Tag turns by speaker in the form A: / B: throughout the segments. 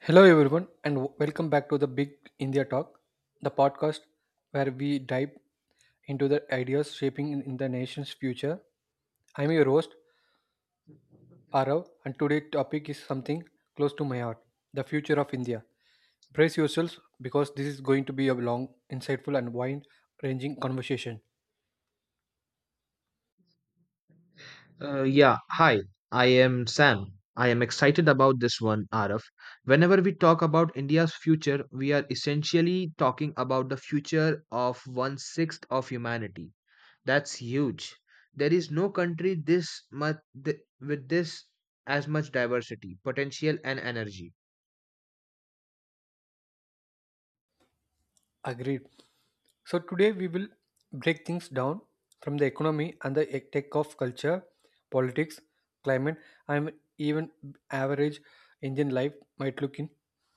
A: Hello, everyone, and welcome back to the Big India Talk, the podcast where we dive into the ideas shaping in the nation's future. I'm your host, Arav, and today's topic is something close to my heart the future of India. Brace yourselves because this is going to be a long, insightful, and wide ranging conversation.
B: Yeah, hi, I am Sam. I am excited about this one, Araf. Whenever we talk about India's future, we are essentially talking about the future of one sixth of humanity. That's huge. There is no country with this as much diversity, potential, and energy.
A: Agreed. So today we will break things down from the economy and the tech of culture, politics, climate, and even average Indian life might look in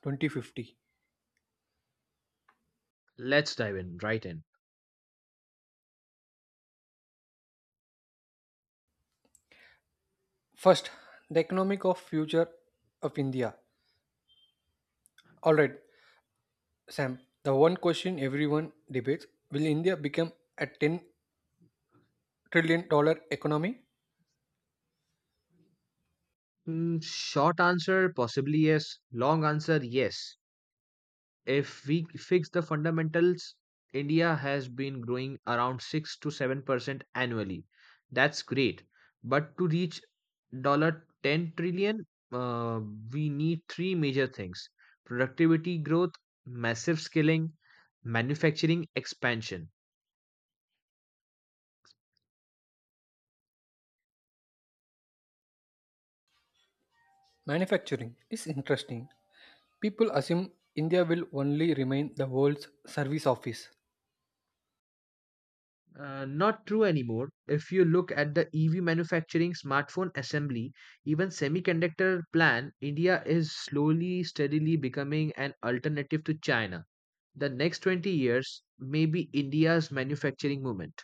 A: 2050.
B: Let's dive in right in.
A: First, the economic of future of India. All right, Sam. The one question everyone debates: will India become a 10 trillion dollar economy?
B: Short answer, possibly yes. Long answer, yes. If we fix the fundamentals, India has been growing around 6 to 7% annually. That's great. But to reach $10 trillion, uh, we need three major things productivity growth, massive scaling, manufacturing expansion.
A: Manufacturing is interesting. People assume India will only remain the world's service office.
B: Not true anymore. If you look at the EV manufacturing, smartphone assembly, even semiconductor plan, India is slowly, steadily becoming an alternative to China. The next 20 years may be India's manufacturing movement.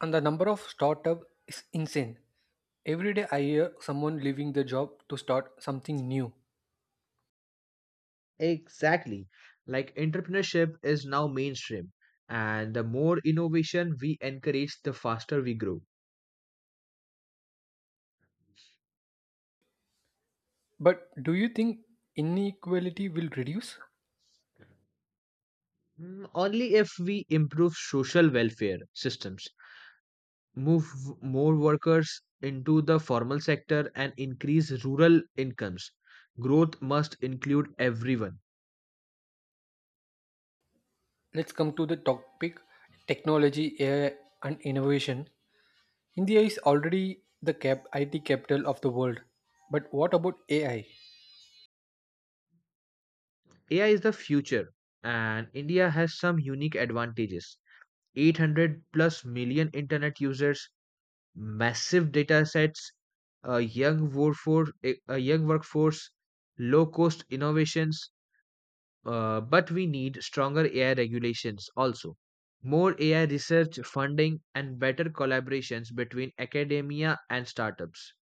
A: And the number of startup is insane. Every day I hear someone leaving their job to start something new.
B: Exactly. Like entrepreneurship is now mainstream, and the more innovation we encourage, the faster we grow.
A: But do you think inequality will reduce?
B: Only if we improve social welfare systems, move more workers into the formal sector, and increase rural incomes. Growth must include everyone.
A: Let's come to the topic technology, AI, and innovation. India is already the IT capital of the world. But what about AI?
B: AI is the future, and India has some unique advantages. 800 plus million internet users, massive data sets, a young workforce, low cost innovations. But we need stronger AI regulations also, more AI research funding, and better collaborations between academia and startups.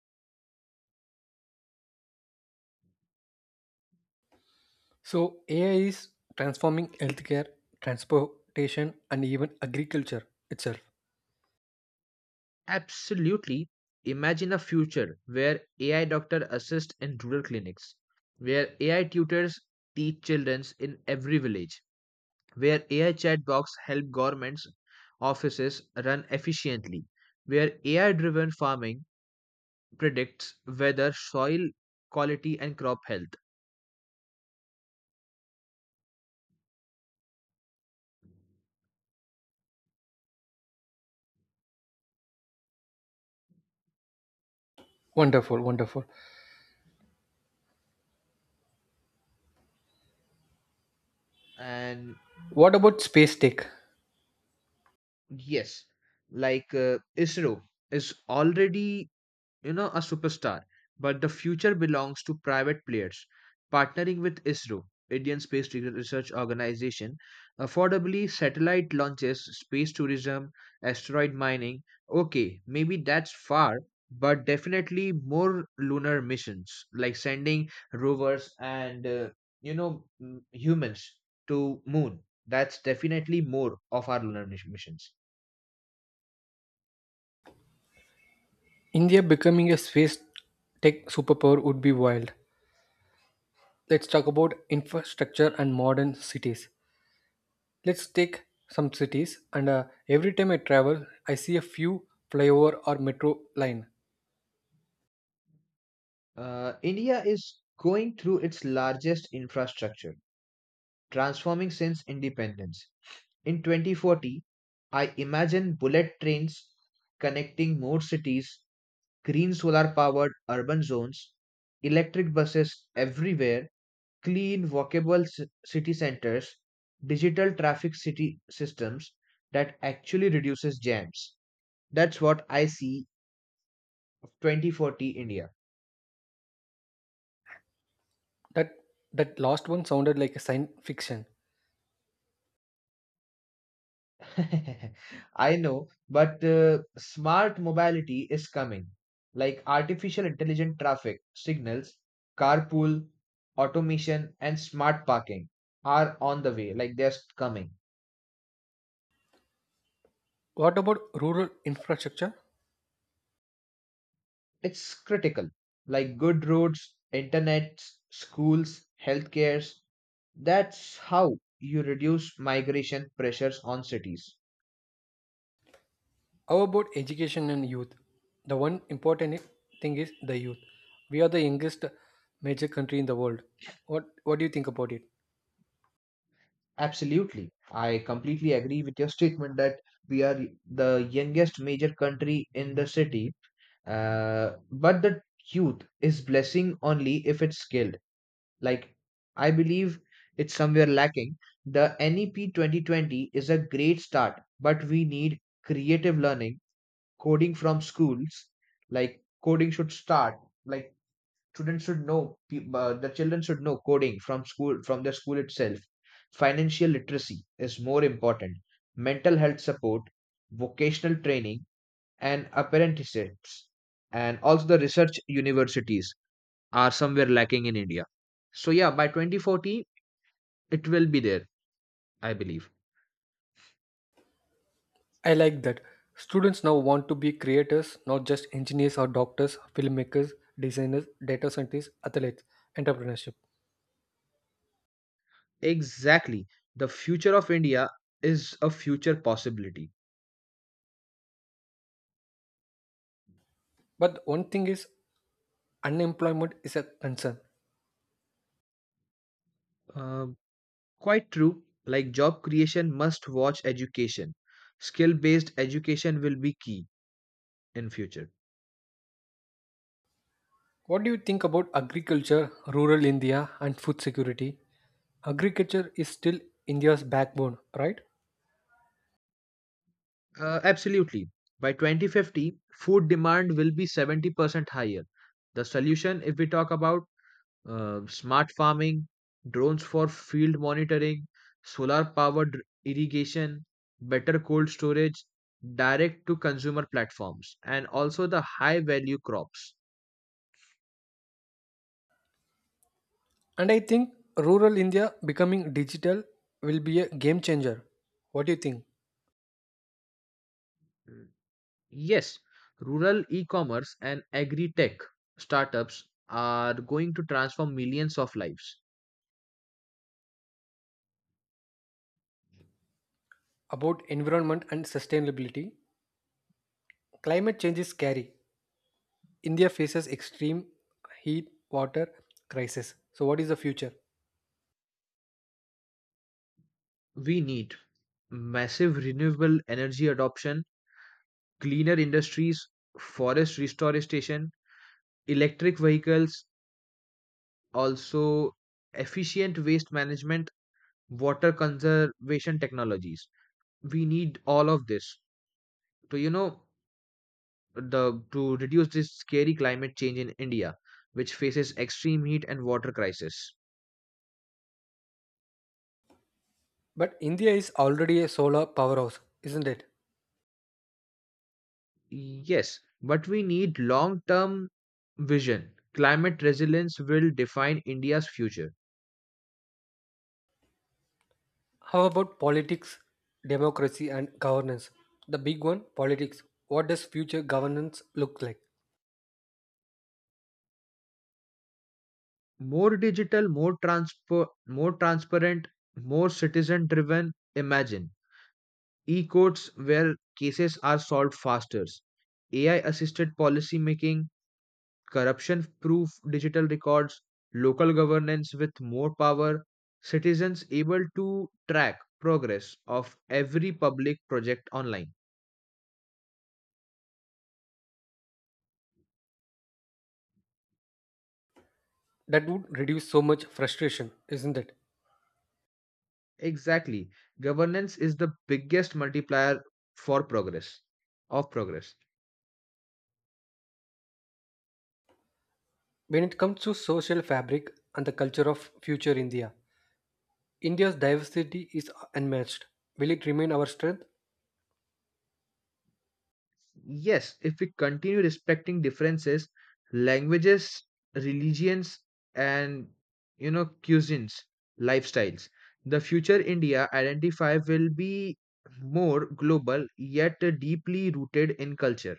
A: So, AI is transforming healthcare, transportation, and even agriculture itself.
B: Absolutely, imagine a future where AI doctor assist in rural clinics, where AI tutors teach children in every village, where AI chatbots help governments offices run efficiently, where AI-driven farming predicts weather, soil quality, and crop health.
A: Wonderful, wonderful.
B: And
A: What about space tech?
B: yes, like ISRO is already, a superstar. But the future belongs to private players. Partnering with ISRO, Indian Space Research Organization, affordably satellite launches, space tourism, asteroid mining. Okay, maybe that's far, but definitely more lunar missions, like sending rovers and humans to moon. That's definitely more of our lunar missions.
A: India becoming a space tech superpower would be wild. Let's talk about infrastructure and modern cities. Let's take some cities, and every time I travel, I see a few flyover or metro line.
B: India is going through its largest infrastructure transforming since independence. In 2040, I imagine bullet trains connecting more cities, green solar powered urban zones, electric buses everywhere, clean walkable city centers, digital traffic city systems that actually reduces jams. That's what I see of 2040 India.
A: That that last one sounded like a science fiction.
B: I know, but smart mobility is coming, like artificial intelligent traffic signals, carpool, automation, and smart parking are on the way, like they're coming.
A: What about rural infrastructure?
B: It's critical, like good roads, internet, schools, healthcares. That's how you reduce migration pressures on cities.
A: How about education and youth? The one important thing is the youth. We are the youngest major country in the world. What do you think about it?
B: Absolutely. I completely agree with your statement that we are the youngest major country in the city. But the youth is blessing only if it's skilled. Like, I believe it's somewhere lacking. The NEP 2020 is a great start, but we need creative learning, coding from schools. Like, coding should start. Like, students should know, the children should know coding from school, from the school itself. Financial literacy is more important. Mental health support, vocational training, and apprenticeships, and also the research universities are somewhere lacking in India. So yeah, by 2040, it will be there, I believe.
A: I like that. Students now want to be creators, not just engineers or doctors, filmmakers, designers, data scientists, athletes, entrepreneurship.
B: Exactly. The future of India is a future possibility.
A: But one thing is, unemployment is a concern.
B: Uh, Quite true. Like job creation must watch education. Skill based education will be key in future.
A: What do you think about agriculture, rural India, and food security? Agriculture is still India's backbone, right?
B: Absolutely. By 2050, food demand will be 70% higher. The solution, if we talk about smart farming, drones for field monitoring, solar powered irrigation, better cold storage, direct to consumer platforms, and also the high value crops.
A: And I think rural India becoming digital will be a game changer. What do you think
B: Yes, rural e-commerce and agri-tech startups are going to transform millions of lives.
A: about environment and sustainability? Climate change is scary. India faces extreme heat water crisis. So what is the future?
B: We need massive renewable energy adoption, cleaner industries, forest restoration, electric vehicles, also efficient waste management, water conservation technologies. We need all of this to you know the to reduce this scary climate change in India, which faces extreme heat and water crisis.
A: But India is already a solar powerhouse, isn't it?
B: Yes, but we need long term vision. Climate resilience will define India's future.
A: How about politics, democracy and governance? The big one, politics. What does future governance look like?
B: More digital, more transparent, more citizen driven. Imagine e courts where cases are solved faster, AI assisted policy making, corruption proof digital records, local governance with more power, citizens able to track progress of every public project online.
A: That would reduce so much frustration, isn't it?
B: Exactly. Governance is the biggest multiplier for progress, of progress.
A: When it comes to social fabric and the culture of future India, India's diversity is unmatched. Will it remain our strength?
B: Yes, if we continue respecting differences, languages, religions, and, cuisines, lifestyles, the future India identify will be more global yet deeply rooted in culture.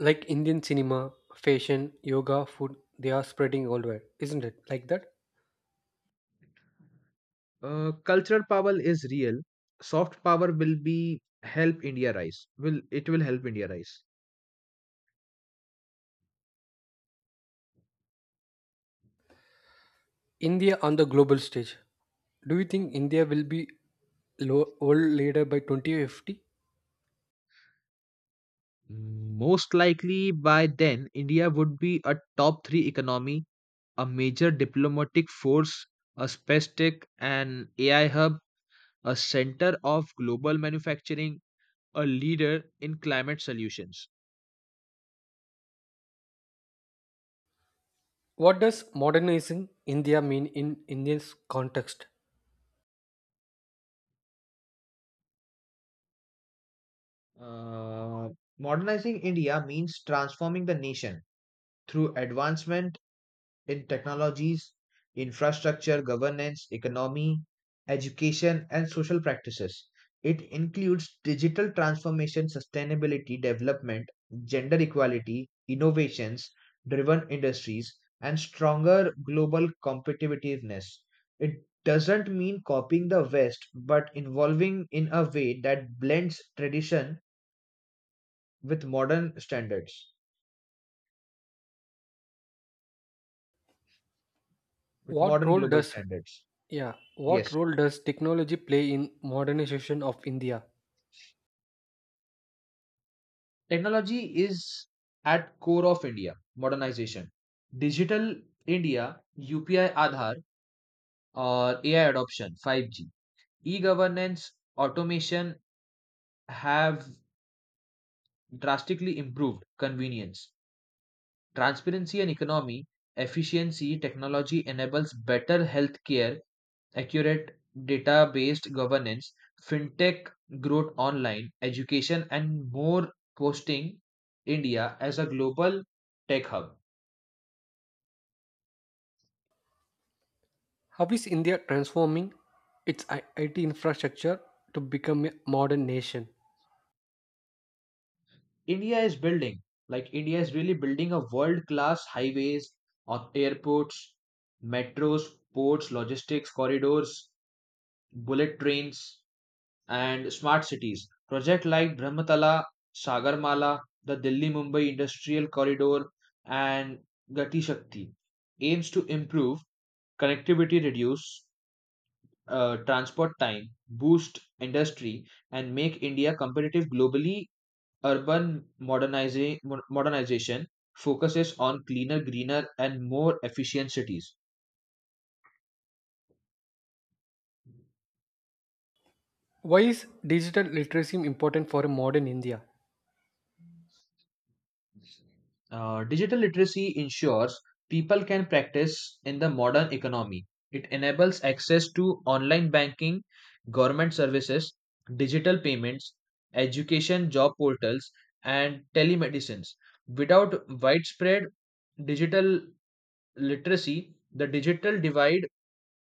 A: Like Indian cinema, fashion, yoga, food, they are spreading all over, isn't it? Like that?
B: Cultural power is real. Soft power will be help India rise. Will it will help India rise.
A: India on the global stage. Do you think India will be world leader by 2050?
B: Most likely by then, India would be a top three economy, a major diplomatic force, a space tech and AI hub, a center of global manufacturing, a leader in climate solutions.
A: What does modernizing India mean in Indian's context?
B: Uh, Modernizing India means transforming the nation through advancement in technologies, infrastructure, governance, economy, education, and social practices. It includes digital transformation, sustainability development, gender equality, innovations driven industries, and stronger global competitiveness. It doesn't mean copying the West, but involving in a way that blends tradition with modern standards, with
A: What
B: modern
A: role
B: global
A: does
B: standards.
A: yeah, what
B: Yes.
A: role does technology play in modernization of India?
B: Technology is at core of India modernization, digital India, UPI, Aadhaar, or AI adoption, 5G, e-governance, automation have drastically improved convenience, transparency, and economy efficiency. Technology enables better healthcare, accurate data based governance, fintech growth, online education, and more, posting India as a global tech hub.
A: How is India transforming its IT infrastructure to become a modern nation?
B: India is building, like India is really building a world class highways, airports, metros, ports, logistics corridors, bullet trains, and smart cities. Project like Brahmatala, Sagarmala, the Delhi Mumbai Industrial Corridor, and Gati Shakti aims to improve connectivity, reduce transport time, boost industry, and make India competitive globally. Urban modernization focuses on cleaner, greener, and more efficient cities.
A: Why is digital literacy important for a modern India?
B: Digital literacy ensures people can practice in the modern economy. It enables access to online banking, government services, digital payments, education, job portals, and telemedicines. Without widespread digital literacy, the digital divide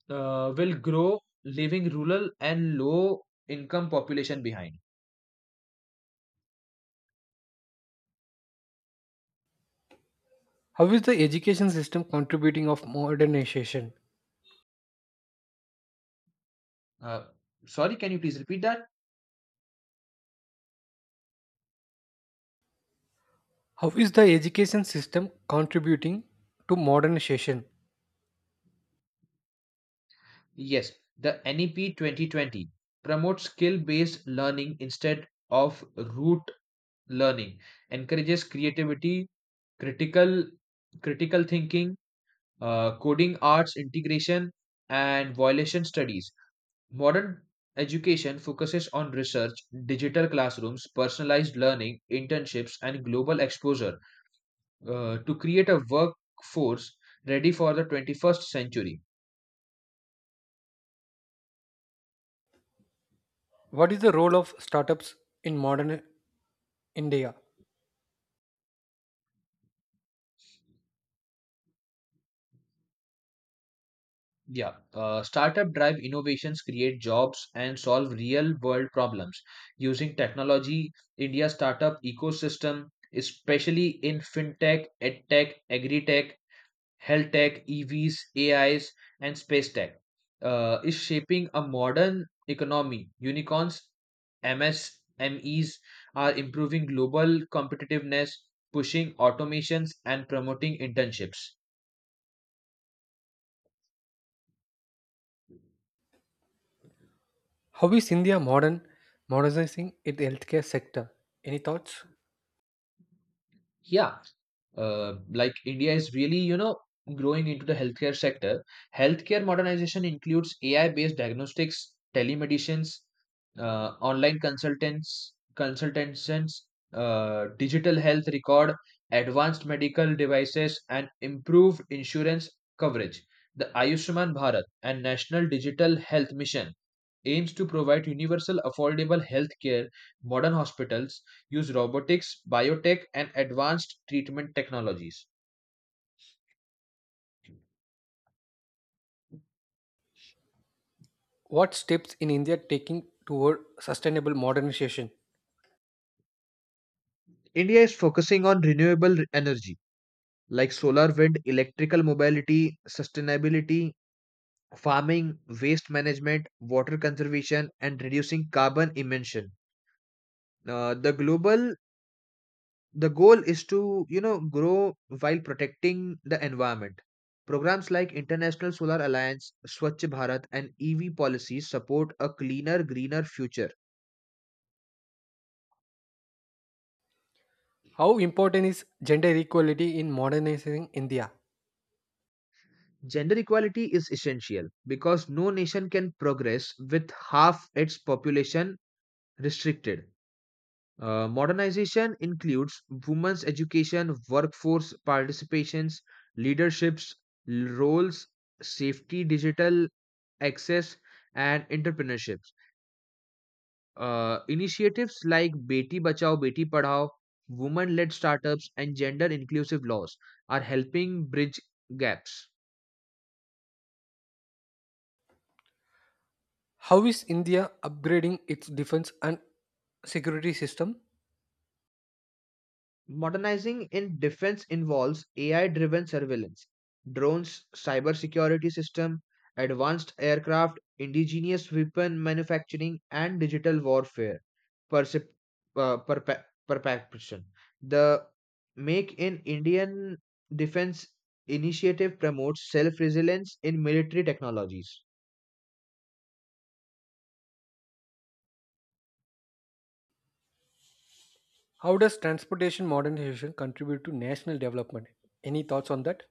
B: will grow, leaving rural and low income population behind.
A: How is the education system contributing of modernization?
B: Uh, Sorry, can you please repeat that?
A: How is the education system contributing to modernization?
B: Yes, the NEP 2020 promotes skill based learning instead of rote learning, encourages creativity, critical critical thinking, coding arts integration, and violation studies. Modern education focuses on research, digital classrooms, personalized learning, internships, and global exposure, to create a workforce ready for the 21st century.
A: What is the role of startups in modern India?
B: Yeah, startup drive innovations, create jobs, and solve real world problems using technology. India's startup ecosystem, especially in fintech, edtech, agri tech health tech, EVs, AIs, and space tech, is shaping a modern economy. Unicorns, MSMEs are improving global competitiveness, pushing automations, and promoting internships.
A: How is India modernizing its healthcare sector? Any thoughts?
B: Yeah, like India is really, growing into the healthcare sector. Healthcare modernization includes AI-based diagnostics, telemedicines, online consultants, consultations, digital health record, advanced medical devices, and improved insurance coverage. The Ayushman Bharat and National Digital Health Mission aims to provide universal affordable healthcare, modern hospitals, use robotics, biotech, and advanced treatment technologies.
A: What steps in India taking toward sustainable modernization?
B: India is focusing on renewable energy like solar, wind, electrical mobility, sustainability, farming, waste management, water conservation, and reducing carbon emission. Uh, the global the goal is to grow while protecting the environment. Programs like International Solar Alliance, Swachh Bharat, and EV policies support a cleaner greener future.
A: How important is gender equality in modernizing India?
B: Gender equality is essential because no nation can progress with half its population restricted. Modernization includes women's education, workforce participations, leaderships roles, safety, digital access, and entrepreneurship. Initiatives like Beti Bachao Beti Padhao, women led startups, and gender inclusive laws are helping bridge gaps.
A: How is India upgrading its defense and security system?
B: Modernizing in defense involves AI driven surveillance, drones, cybersecurity system, advanced aircraft, indigenous weapon manufacturing, and digital warfare percep- uh, perpe- perception. The Make in Indian Defense initiative promotes self resilience in military technologies.
A: How does transportation modernization contribute to national development? Any thoughts on that?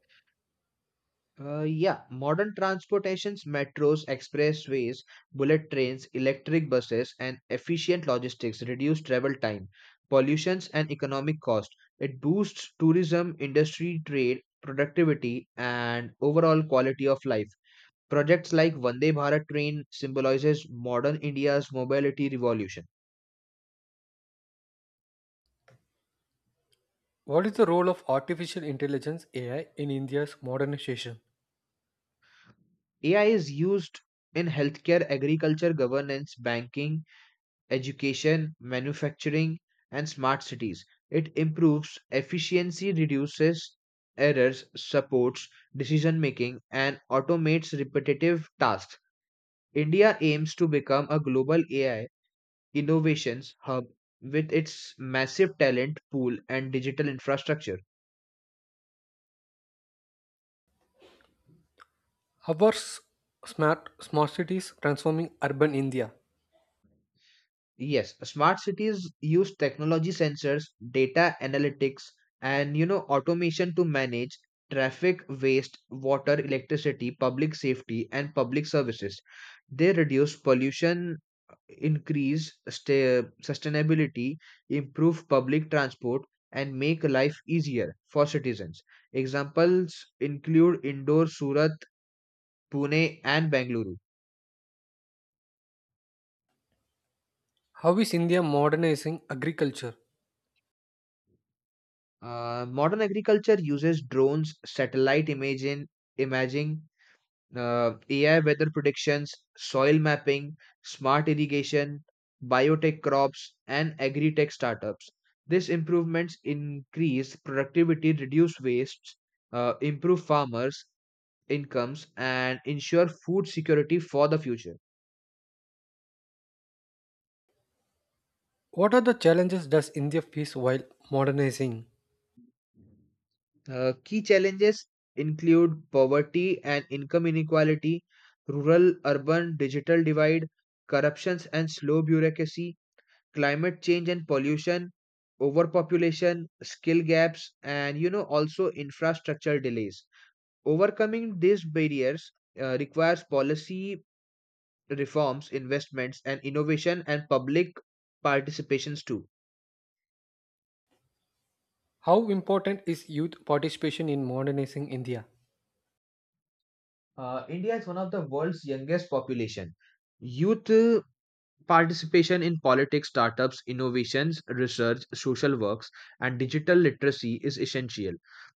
B: Yeah, modern transportations, metros, expressways, bullet trains, electric buses, and efficient logistics reduce travel time, pollutions, and economic cost. It boosts tourism, industry, trade, productivity, and overall quality of life. Projects like Vande Bharat train symbolizes modern India's mobility revolution.
A: What is the role of artificial intelligence AI in India's modernization?
B: AI is used in healthcare, agriculture, governance, banking, education, manufacturing, and smart cities. It improves efficiency, reduces errors, supports decision making, and automates repetitive tasks. India aims to become a global AI innovations hub with its massive talent pool and digital infrastructure.
A: How are smart cities transforming urban India?
B: Yes, smart cities use technology sensors, data analytics, and, automation to manage traffic, waste, water, electricity, public safety, and public services. They reduce pollution, increase sta sustainability, improve public transport, and make life easier for citizens. Examples include Indore, Surat, Pune, and Bangalore.
A: How is India modernizing agriculture?
B: Modern agriculture uses drones, satellite imaging, AI weather predictions, soil mapping, smart irrigation, biotech crops, and agri-tech startups. These improvements increase productivity, reduce wastes, improve farmers' incomes, and ensure food security for the future.
A: What are the challenges does India face while modernizing?
B: Key challenges include poverty and income inequality, rural urban digital divide, corruptions and slow bureaucracy, climate change and pollution, overpopulation, skill gaps, and, also infrastructure delays. Overcoming these barriers, requires policy reforms, investments, and innovation and public participations too.
A: How important is youth participation in modernizing India?
B: India is one of the world's youngest population. Youth, participation in politics, startups, innovations, research, social works, and digital literacy is essential.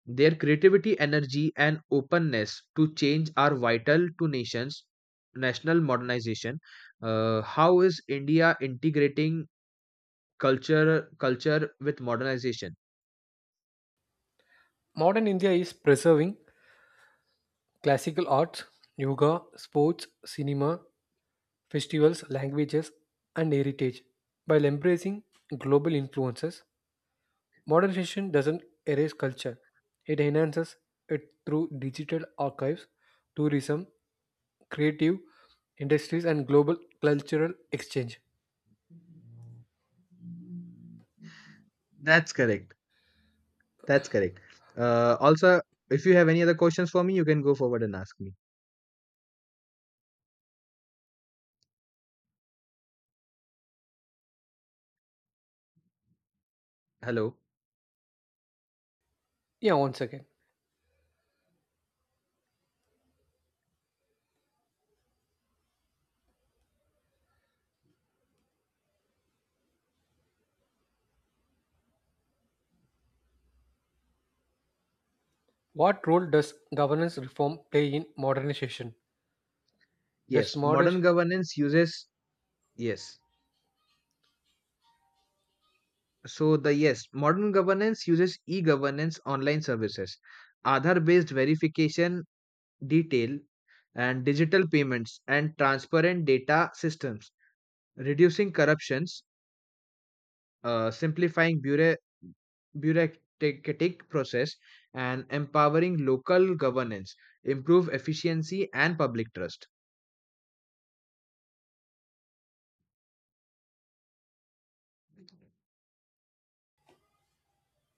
B: Their creativity, energy, and openness to change are vital to nations' national modernization. How is India integrating culture with modernization?
A: Modern India is preserving classical arts, yoga, sports, cinema, festivals, languages, and heritage. While embracing global influences, modernization doesn't erase culture, it enhances it through digital archives, tourism, creative industries, and global cultural exchange.
B: That's correct. That's correct. Also, if you have any other questions for me, you can go forward and ask me. Hello.
A: Yeah, once again, what role does governance reform play in modernization?
B: Yes,
A: Does modern
B: modern governance uses yes. So the yes, modern governance uses e-governance online services, Aadhaar-based verification detail and digital payments and transparent data systems, reducing corruptions, simplifying bureaucratic process and empowering local governance, improve efficiency and public trust.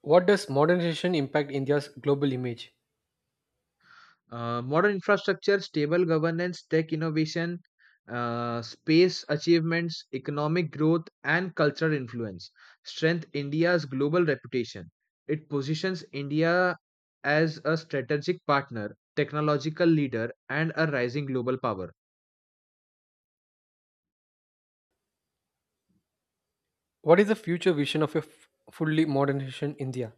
A: What does modernization impact India's global image?
B: Modern infrastructure, stable governance, tech innovation, space achievements, economic growth, and cultural influence strength India's global reputation. It positions India as a strategic partner, technological leader, and a rising global power.
A: What is the future vision of a fully modernization India?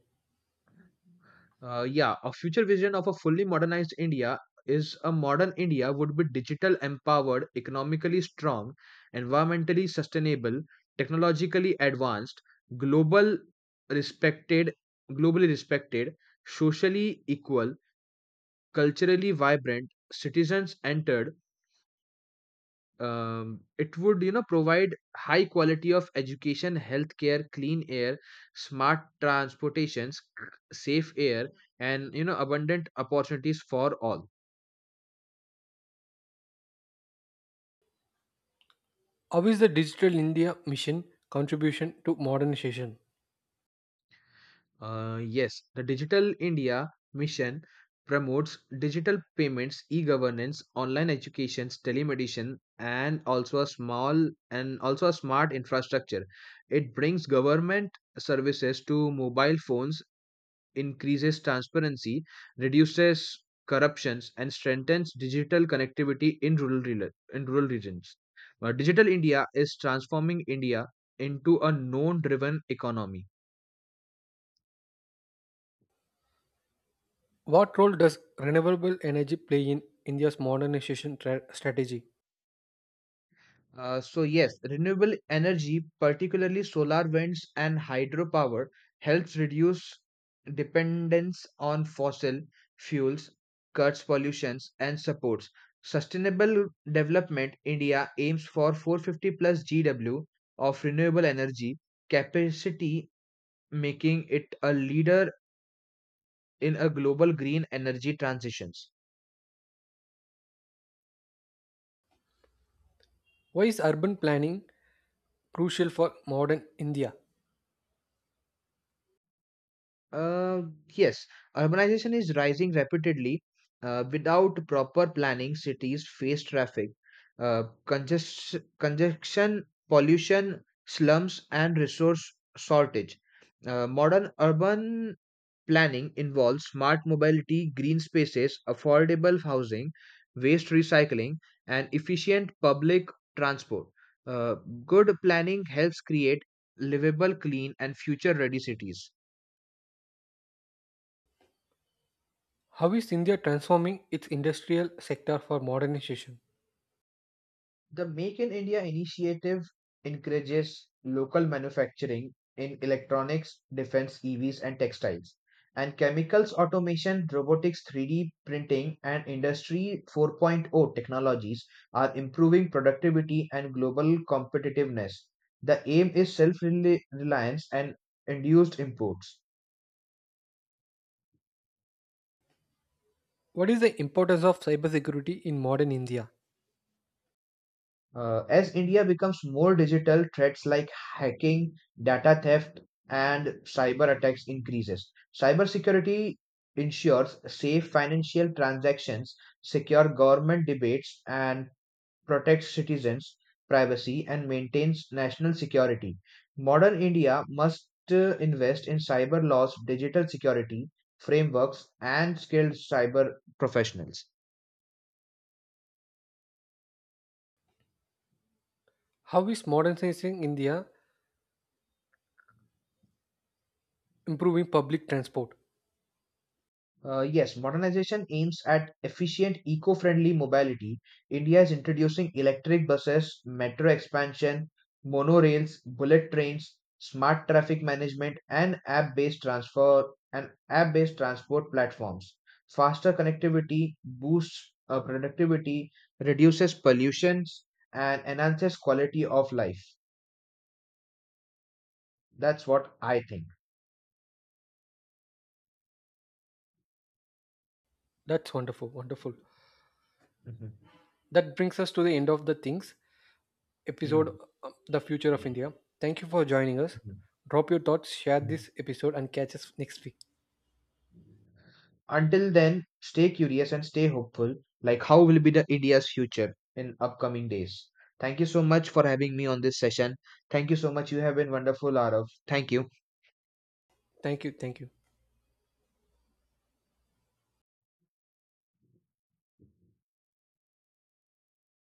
B: Yeah, a future vision of a fully modernized India is a modern India would be digital empowered, economically strong, environmentally sustainable, technologically advanced, global respected, globally respected, socially equal, culturally vibrant, citizens entered. It would, provide high quality of education, healthcare, clean air, smart transportations, safe air, and, abundant opportunities for all.
A: How is the Digital India mission contribution to modernization?
B: Yes, the Digital India mission promotes digital payments, e-governance, online educations, telemedicine, and also a smart infrastructure. It brings government services to mobile phones, increases transparency, reduces corruptions, and strengthens digital connectivity in rural, rela- in rural regions. Digital India is transforming India into a known driven economy.
A: What role does renewable energy play in India's modernization strategy?
B: So yes, renewable energy, particularly solar winds and hydropower, helps reduce dependence on fossil fuels, cuts pollutions, and supports sustainable development. India aims for 450 plus GW of renewable energy capacity, making it a leader in a global green energy transitions.
A: Why is urban planning crucial for modern India?
B: Uh, yes, urbanization is rising rapidly. Without proper planning, cities face traffic, congestion, pollution, slums, and resource shortage. Modern urban planning involves smart mobility, green spaces, affordable housing, waste recycling, and efficient public transport. Uh, Good planning helps create livable, clean, and future-ready cities.
A: How is India transforming its industrial sector for modernization?
B: The Make in India initiative encourages local manufacturing in electronics, defense, EVs, and textiles, and chemicals automation, robotics, 3D printing, and Industry 4.0 technologies are improving productivity and global competitiveness. The aim is self reliance and induced imports.
A: What is the importance of cybersecurity in modern India?
B: As India becomes more digital, threats like hacking, data theft, and cyber attacks increases. Cybersecurity ensures safe financial transactions, secure government debates, and protects citizens' privacy and maintains national security. Modern India must, invest in cyber laws, digital security frameworks, and skilled cyber professionals.
A: How is modernizing India improving public transport?
B: Yes, modernization aims at efficient, eco friendly mobility. India is introducing electric buses, metro expansion, monorails, bullet trains, smart traffic management, and app based transfer and app based transport platforms. Faster connectivity boosts, productivity, reduces pollutions, and enhances quality of life. That's what I think.
A: That's wonderful, wonderful.
B: Mhm.
A: That brings us to the end of the things. Episode,
B: Mm,
A: the Future of India. Thank you for joining us.
B: mhm,
A: Drop your thoughts, share
B: mhm.
A: this episode, and catch us next week.
B: Until then, stay curious and stay hopeful. Like, how will be the India's future in upcoming days? Thank you so much for having me on this session. Thank you so much. You have been wonderful, Arav. Thank you.
A: Thank you. Thank you.